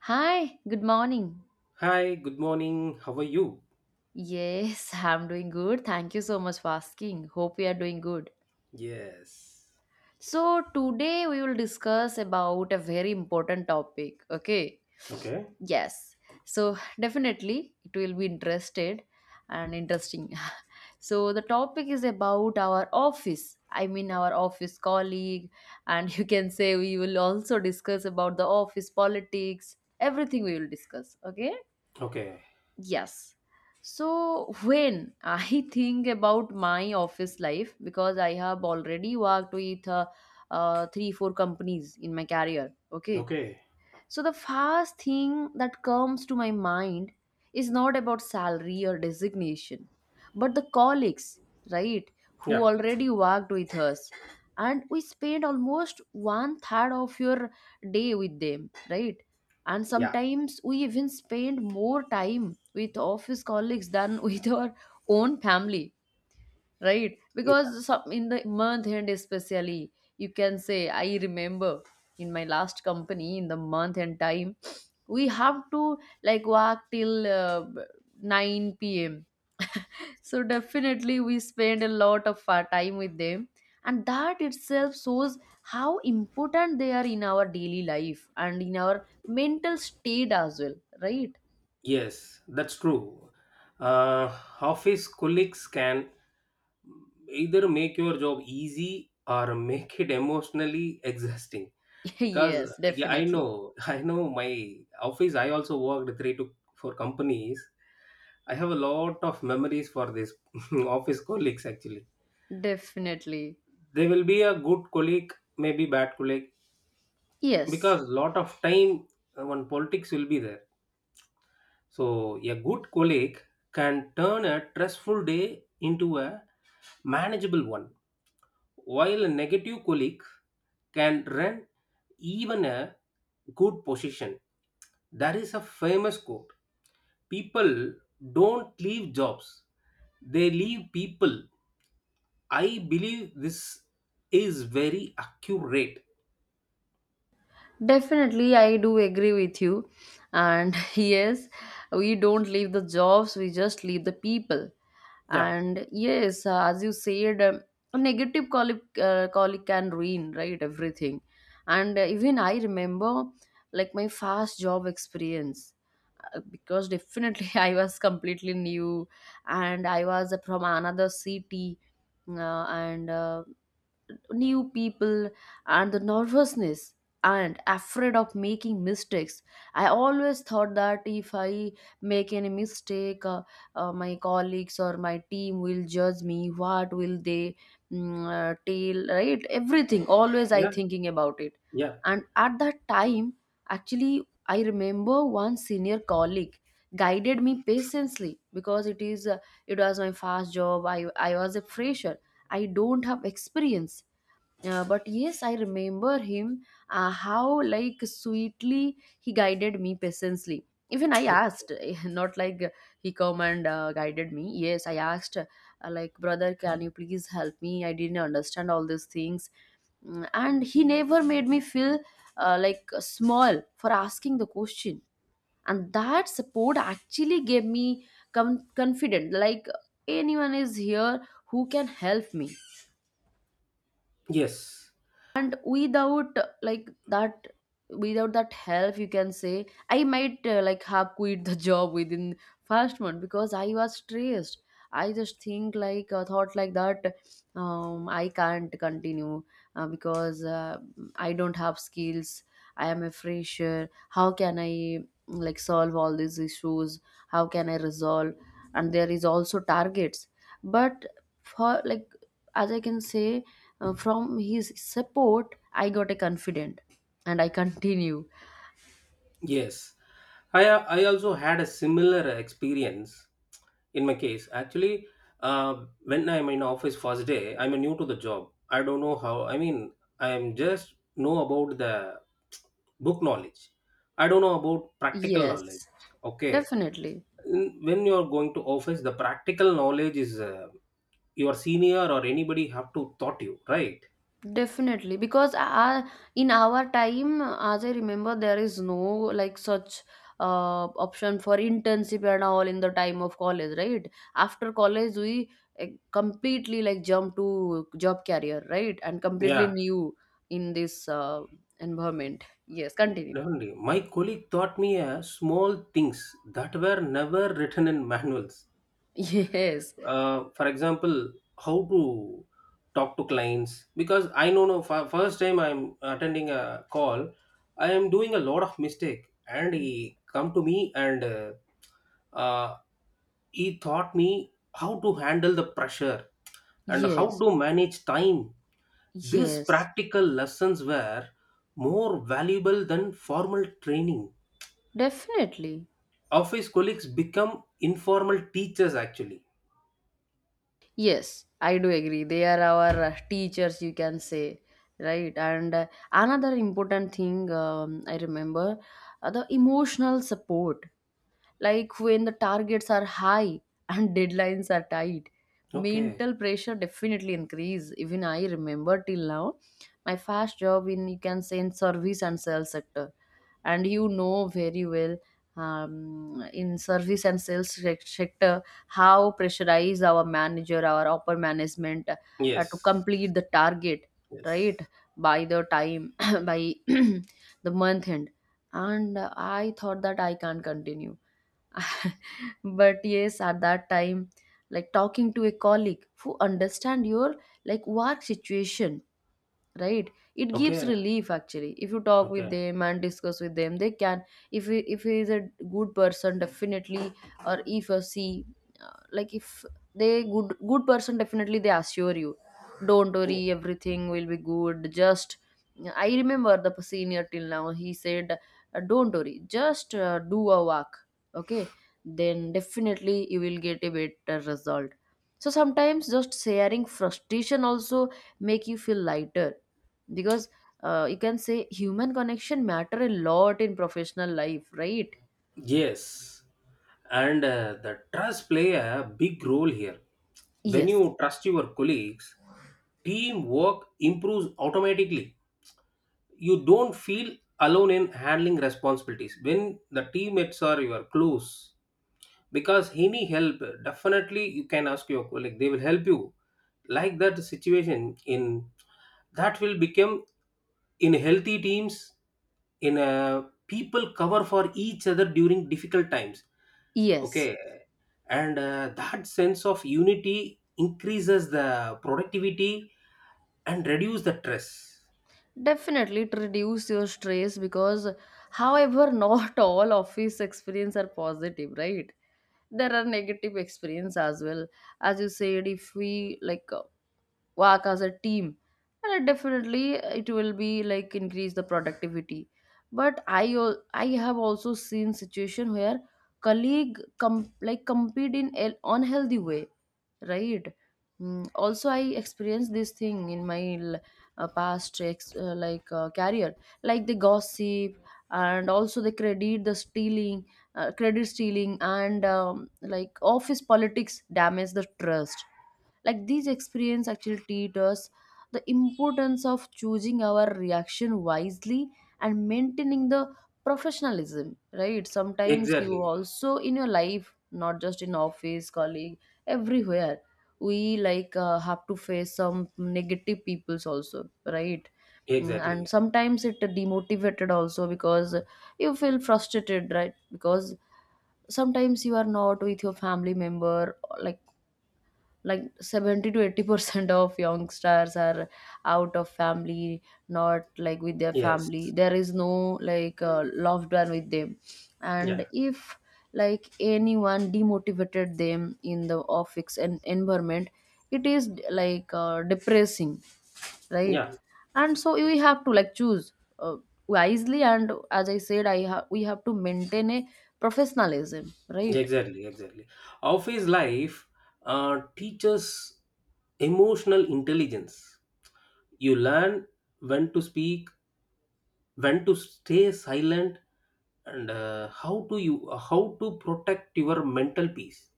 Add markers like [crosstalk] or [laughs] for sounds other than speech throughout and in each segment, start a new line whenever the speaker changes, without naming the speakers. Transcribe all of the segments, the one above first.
Hi, good morning.
Hi, good morning. How are you?
Yes, [laughs] I'm doing good. Thank you so much for asking. Hope you are doing good.
Yes.
So, today we will discuss about a very important topic, okay?
Okay.
Yes. So, definitely it will be interested and interesting. [laughs] So, the topic is about our office. I mean our office colleague, and [laughs] you can say we will also discuss about the office politics. Everything we will discuss, okay?
Okay.
Yes. So when I [laughs] think about my office life, because I have already worked with three, four companies in my career, okay,
Okay.
so the first thing that comes to my mind is not about salary or designation, but the colleagues, right, who
Yeah.
already worked with us. And we spend almost one third of your day with them, right? And
Yeah.
sometimes we even spend more time with office colleagues than [laughs] with our own family, right? Because some, in the month end especially, you can say I remember in my last company, in the month end time, we have to like work till 9 p.m. [laughs] so definitely we spend a lot of our time with them, and that itself shows how important they are in our daily life and in our mental state as well, right?
Yes, that's true. Uh, Office colleagues can either make your job easy or make it emotionally exhausting.
[laughs]
Because
Yes,
yeah, I
definitely.
know, [laughs] I know my office. I also worked three to four companies. I have a lot of memories for this [laughs] office colleagues actually.
Definitely.
They will be a good colleague, maybe bad colleague,
Yes.
because lot of time when politics will be there, so a good colleague can turn a stressful day into a manageable one, while a negative colleague can run even a good position. There is a famous quote: people don't leave jobs, they leave people. I believe this is very accurate.
Definitely, I do agree with you. And [laughs] yes, we don't leave the jobs, we just leave the people.
Yeah,
And yes, as you said, a negative colic can ruin, right, everything. And even I remember like my first job experience, because definitely [laughs] I was completely new and I was from another city. And New people, and the nervousness, and afraid of making mistakes. I always thought that if I make any mistake, my colleagues or my team will judge me, what will they tell, right? Everything always I
yeah,
thinking about it.
yeah.
And at that time, actually I remember one senior colleague guided me patiently, because it was my first job. I was a fresher. I don't have experience. But yes, I remember him, how like sweetly he guided me patiently. Even I
[tsk]
asked, [laughs] not like he come and guided me. Yes, I asked, like, brother, can you please help me? I didn't understand all these things. And he never made me feel like small for asking the question. And that support actually gave me confident. Like, anyone is here who can help me.
Yes.
And without like that, without that help, you can say I might like have quit the [laughs] job within first one, because I was stressed. I just think like thought like that. I can't continue, because I don't have skills. I am a fresher. How can I like solve all these issues? How can I resolve? And there is also targets. But for like, as I can say, from his support, I got a confident, and I continue.
Yes, I also had a similar experience in my case. Actually, when I'm in office first day, I'm new to the job. I don't know how. I mean, I'm just know about the book knowledge. I don't know about practical knowledge.
Yes,
Okay.
definitely.
When you are going to office, the practical knowledge is, your senior or anybody have to taught you, right?
Definitely, because in our time, as I remember, there is no like such option for internship and all in the time of college, right? After college, we uh, completely like jump to job career, right? And completely
Yeah,
new in this environment. Yes, continue. [laughs]
definitely. My colleague taught me small things that were never written in [laughs] manuals.
Yes,
For example, how to talk to clients. Because I know, no, for first time I'm attending a call, I am doing a lot of mistake, and he come to me and uh, he taught me how to handle the pressure and how
yes,
to manage time. These
yes,
practical lessons were more valuable than formal training.
definitely.
Office colleagues become informal teachers actually.
Yes, I do agree. They are our teachers, you can say, right? And another important thing, I remember, the emotional support. Like when the targets are high and [laughs] deadlines are tight,
Okay.
mental pressure definitely increase. Even I remember till now, my first job in, you can say, in service and sales sector, and you know very well, in service and sales sector, how pressurize our manager, our upper management, to
Yes.
complete the target,
Yes.
right, by the time [coughs] [clears throat] by [clears throat] the month end. And I thought that I can't continue. [laughs] But yes, at that time, like talking to a colleague who understand your like work situation, right, it gives
Okay,
relief actually. If you talk with
okay.
them and discuss with them, they can, if he is a good person, definitely, or if you see, like, if they good person, definitely they assure you, don't
Y-
worry, everything will be good. Just, I remember the senior till now, he said, don't worry, just do a walk, okay, then definitely you will get a better result. So sometimes just sharing frustration also make you feel lighter, because you can say human connection matter a lot in professional life, right?
Yes. And the trust play a big role here. When
Yes,
you trust your colleagues, teamwork improves automatically. You don't feel alone in handling responsibilities. When the teammates are your close, because any help, definitely you can ask your colleague, they will help you. Like that situation in, that will become, in healthy teams, in a people cover for each other during difficult times.
yes,
Okay. And that sense of unity increases the productivity and reduce the stress.
definitely. It reduce your stress. Because, however, not [laughs] all office experience are positive, right? There are negative experience as well. As you said, if we like work as a team, and definitely it will be like increase the productivity. But I have also seen situation where colleague like compete in an unhealthy way, right? Also I experienced this thing in my past career. Like they gossip, and also they credit stealing, and like office politics damage the trust. Like these experience actually teach us the importance of choosing our reaction wisely and maintaining the professionalism, right? Sometimes you
Exactly.
also in your life, not just in office colleague, everywhere we like have to face some negative peoples also, right? And
Exactly.
sometimes it demotivated also, because you feel frustrated, right? Because sometimes you are not with your family member, like 70 to 80% of youngsters are out of family, not like with their family.
Yes.
There is no like loved one with them. And
Yeah.
if like anyone demotivated them in the office and environment, it is like depressing, right?
Yeah.
And so we have to like choose, uh, wisely, and as I said, we have to maintain a professionalism, right?
Exactly, exactly. Office life teaches emotional intelligence. You learn when to speak, when to stay silent, and how to protect your mental peace.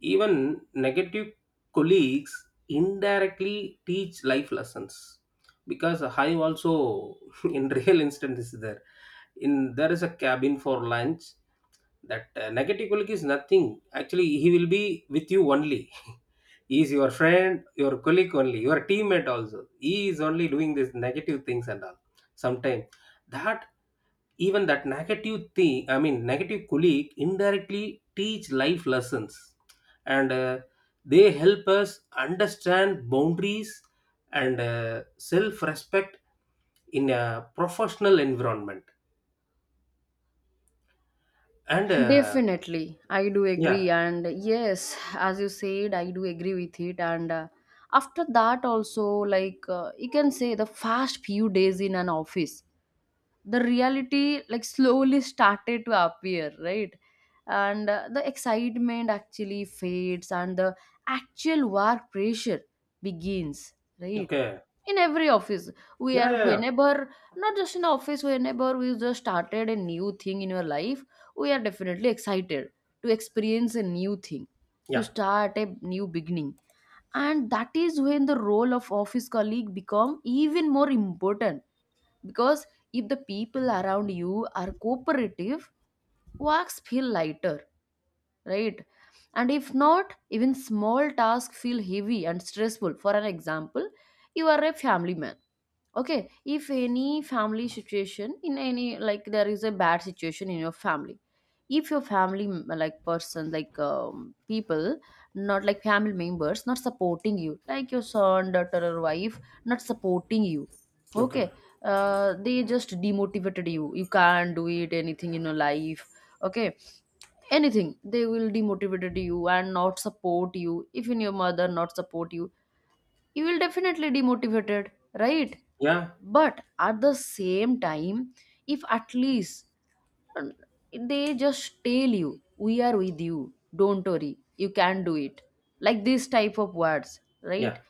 Even negative colleagues indirectly teach life lessons, because I also, [laughs] in real instance is there, in there is a cabin for lunch, that negative colleague is nothing. Actually he will be with you only. [laughs] He is your friend, your colleague only, your teammate also. He is only doing these negative things and all. Sometimes that, even that negative thing, I mean negative colleague indirectly teach life lessons, and they help us understand boundaries and self-respect in a professional environment. And
Definitely, I do
yeah.
agree, and yes, as you said, I do agree with it. And after that also, like you can say the first few days in an office, the reality like slowly started to appear, right? And the excitement actually fades and the actual work pressure begins, right?
Okay.
In every office, we
Yeah.
are,
Yeah. Yeah.
whenever, not just in office, whenever we just started a new thing in your life, we are definitely excited to experience a new thing, to
Yeah.
start a new beginning. And that is when the role of office colleague become even more important, because if the people around you are cooperative, walks feel lighter, right? And if not, even small tasks feel heavy and stressful. For an example, you are a family man, okay? If any family situation in any, like, there is a bad situation in your family, if your family like person, like people, not like family members, not supporting you, like your son, daughter, or wife, not supporting you,
Okay.
okay, they just demotivated you, you can't do it anything in your life, okay, anything they will demotivated you and not support you. Even your mother not support you, you will definitely demotivated, right?
Yeah,
But at the same time, if at least, uh, they just tell you, we are with you, don't worry, you can do it, like this type of words, right?
yeah,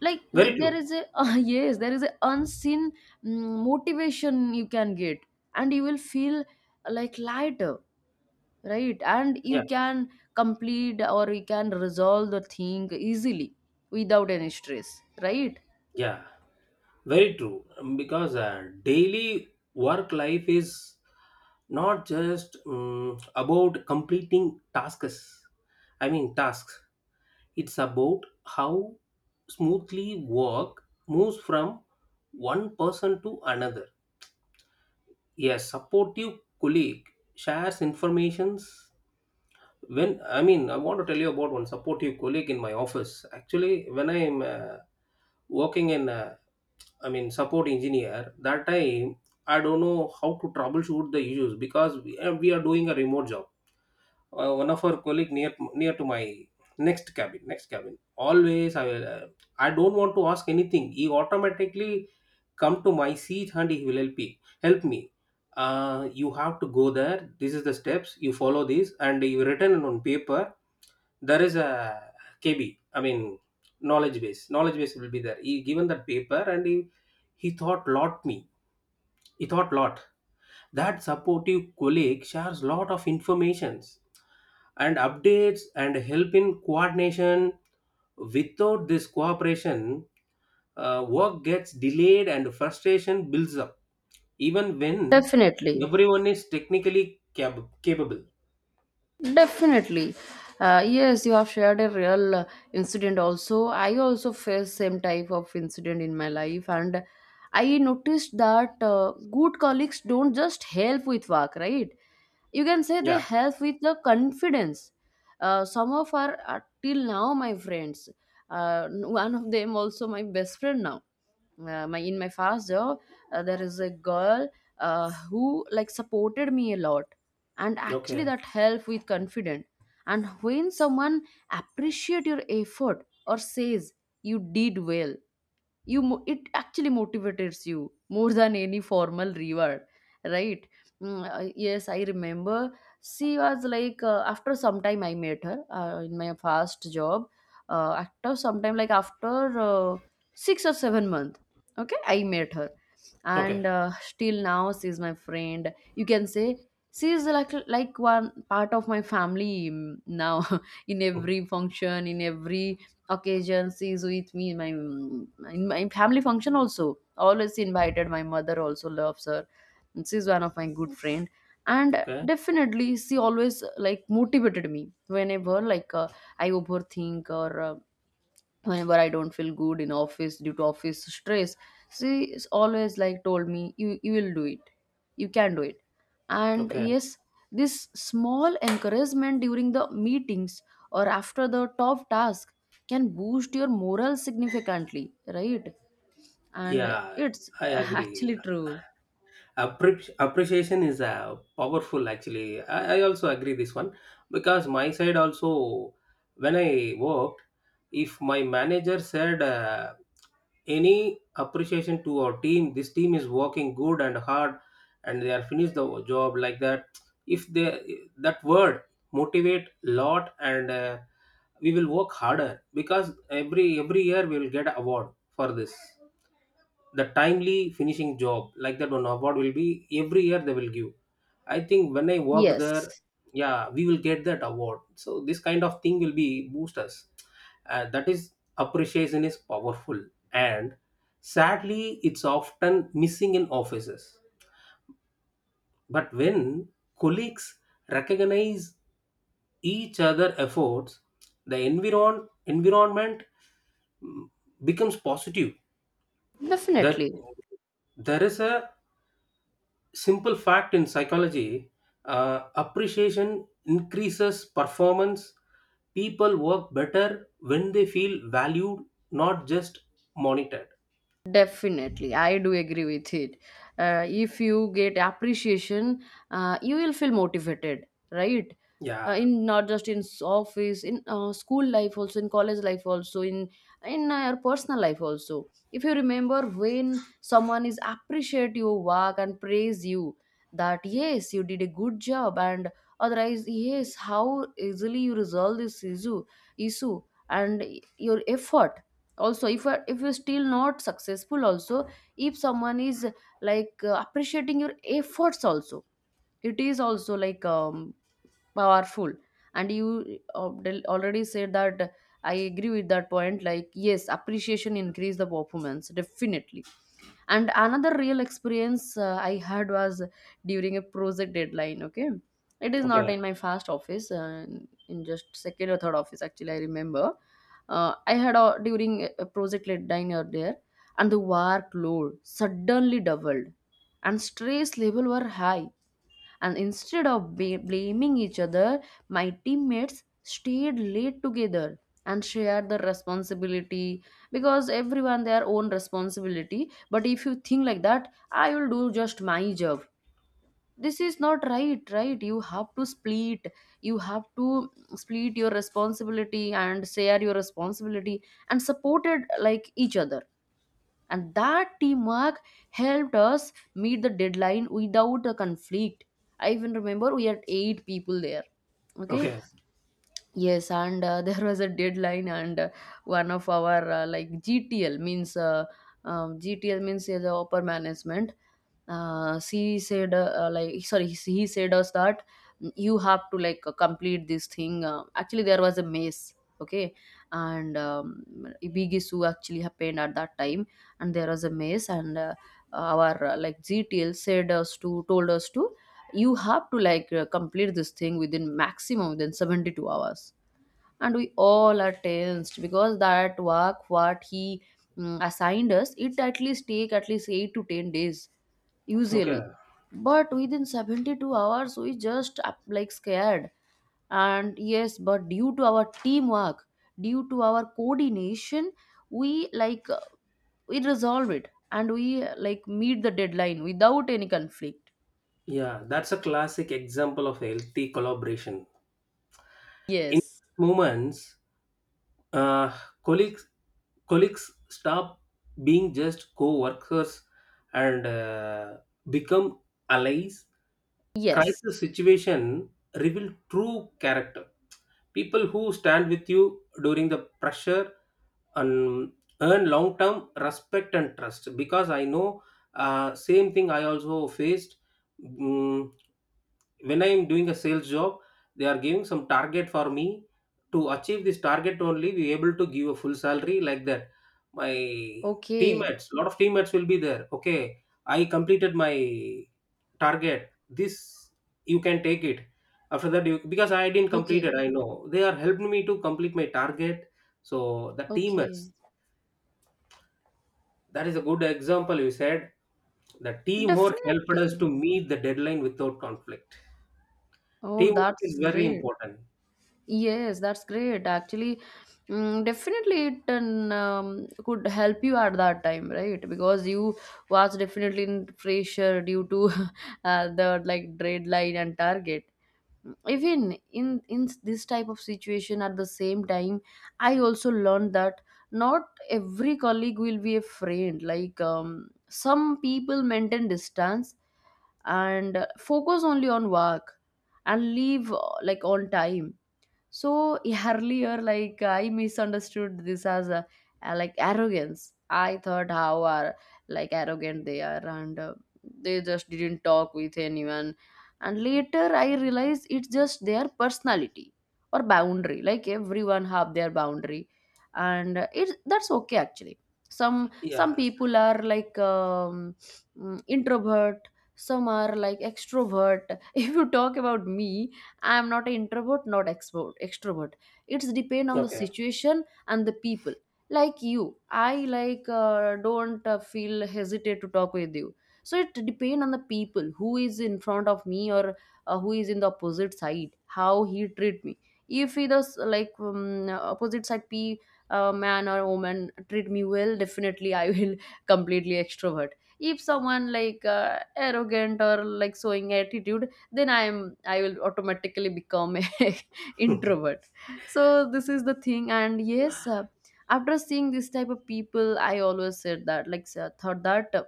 Like
very
there
true.
is a [laughs] yes, there is a unseen motivation you can get, and you will feel like lighter, right? And you
Yeah,
can complete or you can resolve the thing easily without any stress, right?
yeah, very true. Because daily work life is not just about completing tasks. I mean, tasks. It's about how smoothly work moves from one person to another. A supportive colleague shares informations. When, I mean, I want to tell you about one supportive colleague in my office. Actually when I'm working in a, I mean, support engineer. That time, I don't know how to troubleshoot the issues, because we are doing a remote job. One of our colleague, near to my next cabin, next cabin. Always, I will. I don't want to ask anything. He automatically come to my seat and he will help me. Help me. You have to go there. This is the steps. You follow this, and you written on paper, there is a KB, I mean knowledge base. Knowledge base will be there. He given that paper and he thought lot me. He thought lot. That supportive colleague shares lot of informations and updates and help in coordination. Without this cooperation, work gets delayed and frustration builds up. Even when
Definitely,
everyone is technically capable.
definitely. Yes, you have shared a real incident also. I also faced same type of incident in my life, and I noticed that good colleagues don't just help with work, right? You can say they
Yeah.
help with the confidence. Some of our are till now my friends. One of them also my best friend now, my in my fast job, there is a girl who like supported me a lot, and actually
Okay.
that helped with confidence. And when someone appreciate your effort or says you did well, it actually motivates you more than any formal reward, right? Yes, I remember she was like, after some time I met her, in my first job, after some time, like after 6 or 7 month, okay, I met her.
Okay.
And still now she's my friend, you can say. She's like, one part of my family now. [laughs] In
Mm.
every function, in every occasion she's with me, my in my family function also always she invited, my mother also loves her. And she's one of my good friend. And
Okay.
definitely she always like motivated me whenever, like I overthink, or whenever I don't feel good in office due to office stress. She is always like told me, you will do it, you can do it. And
Okay.
yes, this small encouragement during the meetings or after the top task can boost your morale significantly, right? And
Yeah,
it's [laughs]
I
actually
agree.
true.
Appreciation is powerful actually. I also agree this one, because my side also, when I worked, if my manager said any appreciation to our team, this team is working good and hard and they are finished the job like that. If they, that word motivate lot. And we will work harder, because every year we will get award for this, the timely finishing job like that. One award will be every year, they will give. I think when I worked there,
Yes,
yeah, we will get that award. So this kind of thing will be boost us. That is, appreciation is powerful, and sadly it's often missing in offices. But when colleagues recognize each other efforts, the environment becomes positive. That,
definitely.
there is a simple fact in psychology. Appreciation increases performance. People work better when they feel valued, not just monitored.
Definitely, I do agree with it. If you get appreciation, you will feel motivated, right?
Yeah.
In, not just in s- office, in school life also, in college life also, in your personal life also. If you remember when someone is appreciate your work and praise you, that yes, you did a good job, and otherwise yes, how easily you resolve this issue and your effort, also if if you're still not successful also, if someone is like appreciating your efforts also, it is also like powerful. And you already said that, I agree with that point, like yes, appreciation increase the performance, definitely. And another real experience, I had was during a project deadline, okay. It is not
Okay.
in my first office, in just second or third office, actually, I remember, I had a during a project deadline out there. And the workload suddenly doubled and stress level were high. And instead of blaming each other, my teammates stayed late together and shared the responsibility, because everyone their own responsibility. But if you think like that, I will do just my job. This is not right, right? You have to split. You have to split your responsibility and share your responsibility and supported like each other. And that teamwork helped us meet the deadline without a conflict. I even remember we had 8 people there, okay.
Okay.
Yes, and [laughs] there was a deadline, and one of our like GTL means GTL means is the upper management. She said like sorry, he said us that you have to like complete this thing. Actually, there was a maze, okay, and a big issue actually happened at that time, and there was a maze, and our like GTL said us to told us to, you have to like complete this thing within maximum, within 72 hours. And we all are tensed, because that work what he assigned us, it at least take at least 8 to 10 days
Okay.
usually. But within 72 hours we just like scared. And yes, but due to our teamwork, due to our coordination, we like we resolve it, and we like meet the deadline without any conflict.
Yeah, that's a classic example of healthy collaboration. In
Yes.
moments, uh, colleagues colleagues stop being just co-workers and become allies.
Yes.
Crisis situation reveal true character. People who stand with you during the pressure and earn long term respect and trust. Because I know, same thing I also faced. Mm, when I am doing a sales job, they are giving some target for me. To achieve this target only, we able to give a full salary like that. My
Okay.
teammates, lot of teammates will be there. Okay, I completed my target. This you can take it. After that, you, because I didn't complete it,
Okay.
I know they are helping me to complete my target. So the
Okay,
teamers, that is a good example you said. The teamwork helped us
definitely.
to meet the deadline without conflict.
Oh,
Teamwork
that's
is very
great.
important.
Yes, that's great. Actually, definitely it and, could help you at that time, right? Because you was definitely in pressure due to [laughs] the like deadline and target. Even in this type of situation, at the same time, I also learned that not every colleague will be a friend. Like some people maintain distance and focus only on work, and leave like on time. So earlier, like I misunderstood this as like arrogance. I thought how are like arrogant they are, and they just didn't talk with anyone. And later, I realized it's just their personality or boundary. Like everyone have their boundary, and it's that's okay actually. Some
Yeah.
people are like introvert. Some are like extrovert. [laughs] If you talk about me, I am not an introvert, not expert extrovert. It's depend on the
Okay.
situation and the people. Like you, I like don't feel hesitate to talk with you. So it depend on the people who is in front of me, or who is in the opposite side, how he treat me. If he does like opposite side p man or woman treat me well, definitely I will [laughs] completely extrovert. If someone like arrogant or like showing attitude, then I will automatically become a [laughs]
[laughs]
introvert. So this is the thing. And yes, after seeing this type of people, I always said that like thought that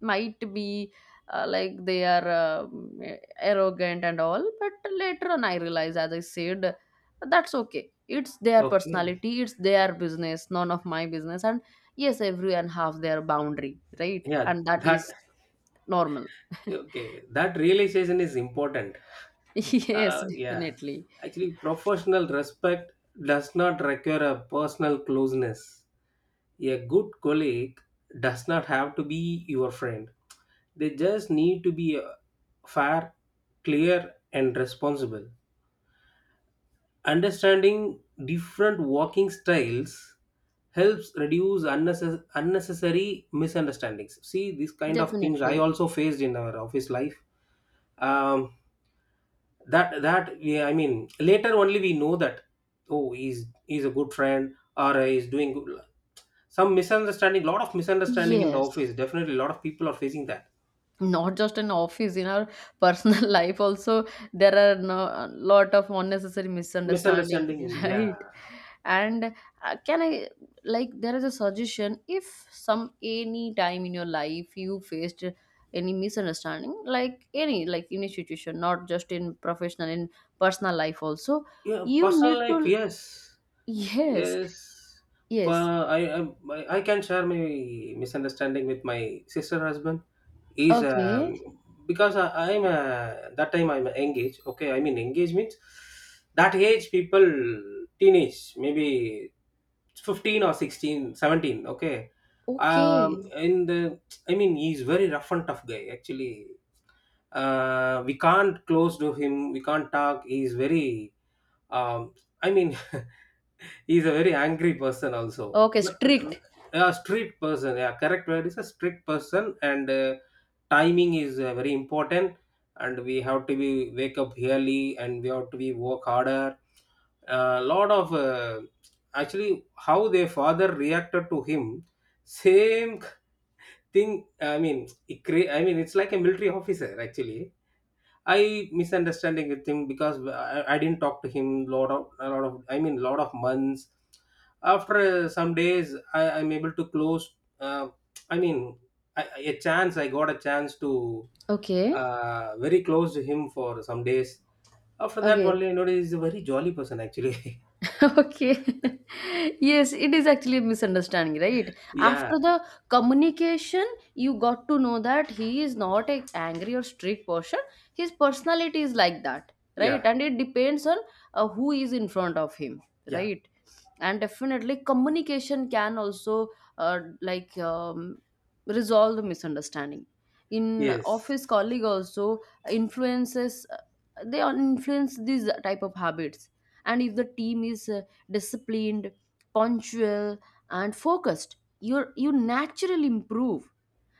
might be like they are arrogant and all. But later on I realized, as I said, that's okay, it's their
Okay.
personality, it's their business, none of my business. And yes, everyone have their boundary, right?
Yeah.
And that
That,
is normal.
okay. That realization is important.
[laughs] Yes,
Yeah.
definitely.
Actually, professional respect does not require a personal closeness. A good colleague does not have to be your friend. They just need to be fair, clear, and responsible. Understanding different walking styles helps reduce unnecessary misunderstandings. See, these kind of things I
Definitely.
also faced in our office life. Um, that yeah, I mean, later only we know that, oh, he's a good friend, or he's doing good. Some misunderstanding, lot of misunderstanding in the
Yes,
office. Definitely, a lot of people are facing that
not just in office, in our personal [laughs] life also, there are no, a lot of unnecessary misunderstanding,
misunderstanding.
[laughs]
Yeah,
right? And can I, like there is a suggestion, if some, any time in your life you faced any misunderstanding, like any, like any situation, not just in professional, in personal life also,
yeah,
you need
personal life.
to,
Yes.
yes,
Yes. For
yes,
I can share my misunderstanding with my sister husband is.
okay,
Because I, I'm that time I'm engaged. Okay, I mean engaged means that age people, teenage, maybe 15 or 16, 17. Okay.
okay,
In the, I mean, he's very rough and tough guy actually. We can't close to him, we can't talk. He's very, um, I mean, [laughs] he's a very angry person also.
okay,
But
strict,
a strict person, yeah, correct word is a strict person. And timing is very important. And we have to be wake up early, and we have to be work harder. A lot of actually, how their father reacted to him, same [laughs] thing. I mean, I mean, it's like a military officer actually. I misunderstanding with him, because I didn't talk to him lot of, a lot of, I mean lot of months. After some days, I'm able to close. Uh, I mean, I- a chance I got a chance to
okay.
very close to him for some days. After that,
Okay.
only I noticed he's a very jolly person actually.
Okay. [laughs] Yes, it is actually a misunderstanding, right?
[laughs] Yeah,
After the communication, you got to know that he is not a angry or strict person. His personality is like that, right?
yeah,
And it depends on who is in front of him,
yeah.
right? And definitely, communication can also uh, like um, resolve the misunderstanding. In
Yes.
office colleague also influences, they all influence these type of habits. And if the team is disciplined, punctual, and focused, you naturally improve.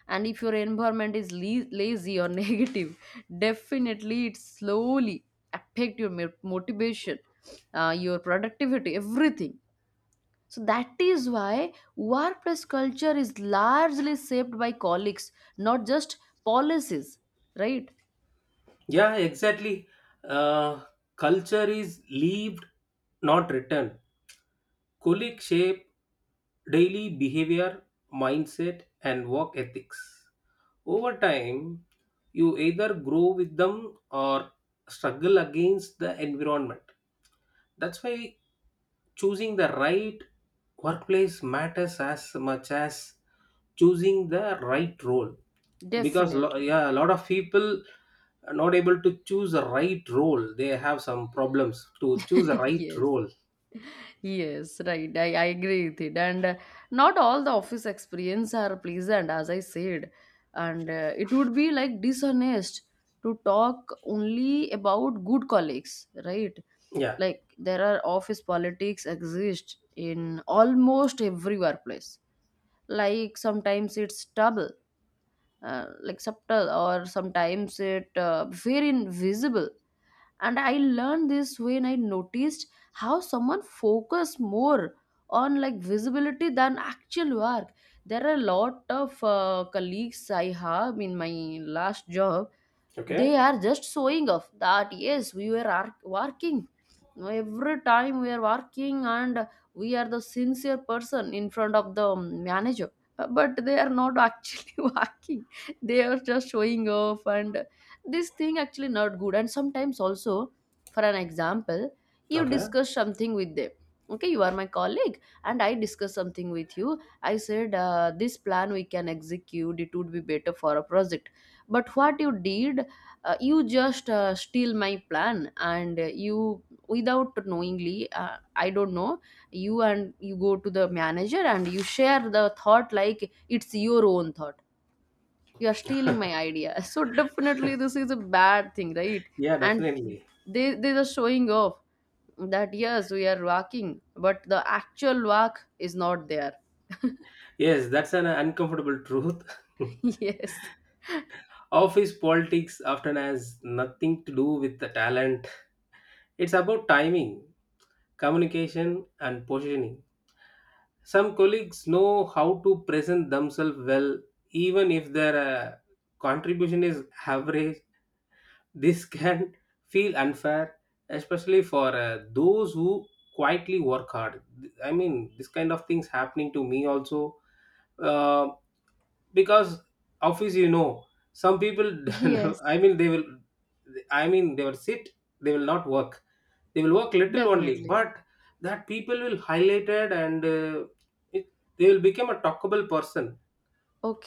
And if your environment is lazy or [laughs] negative, definitely it slowly affect your motivation, your productivity, everything. So that is why workplace culture is largely shaped by colleagues, not just policies, right?
Yeah. Exactly. Uh, culture is lived, not written. Colleagues shape daily behavior, mindset, and work ethics. Over time, you either grow with them or struggle against the environment. That's why choosing the right workplace matters as much as choosing the right role. Because
Definitely.
yeah, a lot of people are not able to choose the right role. They have some problems to choose the
[laughs]
right
Yes.
role.
Yes, right. I agree with it. And not all the office experience are pleasant, as I said. And it would be like dishonest to talk only about good colleagues, right?
Yeah.
Like there are office politics exist in almost every workplace. Like sometimes it's double, like subtle, or sometimes it very invisible. And I learned this when I noticed how someone focus more on like visibility than actual work. There are a lot of colleagues I have in my last job, they
Okay.
are just showing off that yes we were working. You know, every time we are working and we are the sincere person in front of the manager, but they are not actually [laughs] working, they are just showing off. And this thing actually not good. And sometimes also, for an example, you
Okay.
discuss something with them, okay, you are my colleague, and I discuss something with you, I said this plan we can execute, it would be better for a project. But what you did, you just steal my plan, and you, without knowingly, I don't know, you go to the manager and you share the thought like it's your own thought. You are stealing my idea. [laughs] So definitely this is a bad thing, right?
Yeah,
And
definitely.
they are showing off that yes we are walking, but the actual walk is not there. [laughs]
Yes, that's an uncomfortable truth. [laughs]
Yes.
Office politics often has nothing to do with the talent. It's about timing, communication, and positioning. Some colleagues know how to present themselves well, even if their contribution is average. This can [laughs] feel unfair, especially for those who quietly work hard. I mean, this kind of things happening to me also. Uh, because office, some people,
Yes,
[laughs] i mean they will I mean they will sit, they will not work, they will work little only.
definitely.
But that people will highlighted, and it, they will become a talkable person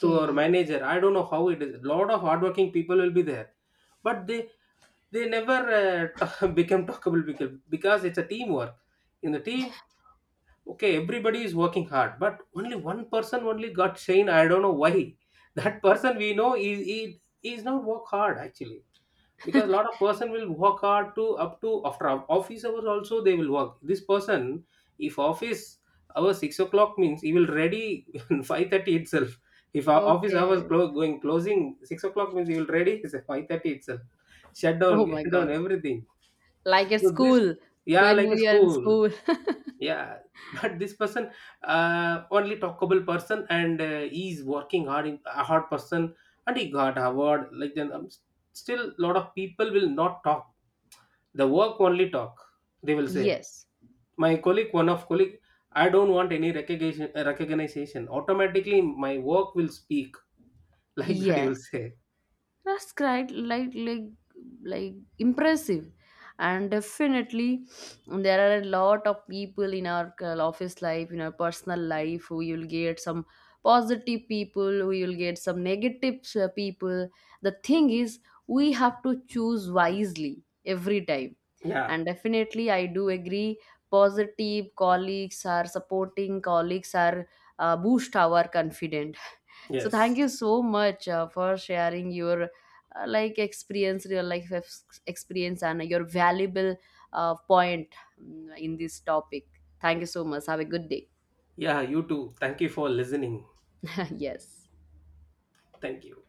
to our manager. I don't know how it is. A lot of hardworking people will be there, but they never [laughs] become talkable, because it's a teamwork in the team. Okay, everybody is working hard, but only one person only got shane. I don't know why. [laughs] That person we know is, he is not work hard actually. Because a lot of person will work hard, to up to after office hours also they will work. This person, if office hours 6 o'clock means he will ready [laughs] 5:30 itself. If our office hours
Okay.
going closing 6 o'clock means he will ready [laughs] 5:30 itself, shut down,
Oh
[laughs] get
my
down
god,
everything.
like at
So this,
school,
yeah,
when
like a
we are in
school,
school. [laughs]
yeah. [laughs] But this person, only talkable person, and he's working hard, in, a hard person, and he got award. Like then, still, lot of people will not talk. The work only talk. They will say,
Yes.
my colleague, one of colleague, I don't want any recognition. Recognition. Automatically, my work will speak [laughs] like that. You will
Yes,
say,
that's quite like, like impressive. And definitely there are a lot of people in our office life, in our personal life, who you'll get some positive people, who you'll get some negative people. The thing is, we have to choose wisely every time.
yeah.
And definitely I do agree, positive colleagues are supporting colleagues, are boost our confidence. So thank you
Yes.
so much for sharing your like experience, real life experience, and your valuable point in this topic. Thank you so much, have a good day.
Yeah. You too. Thank you for listening.
[laughs] Yes.
Thank you.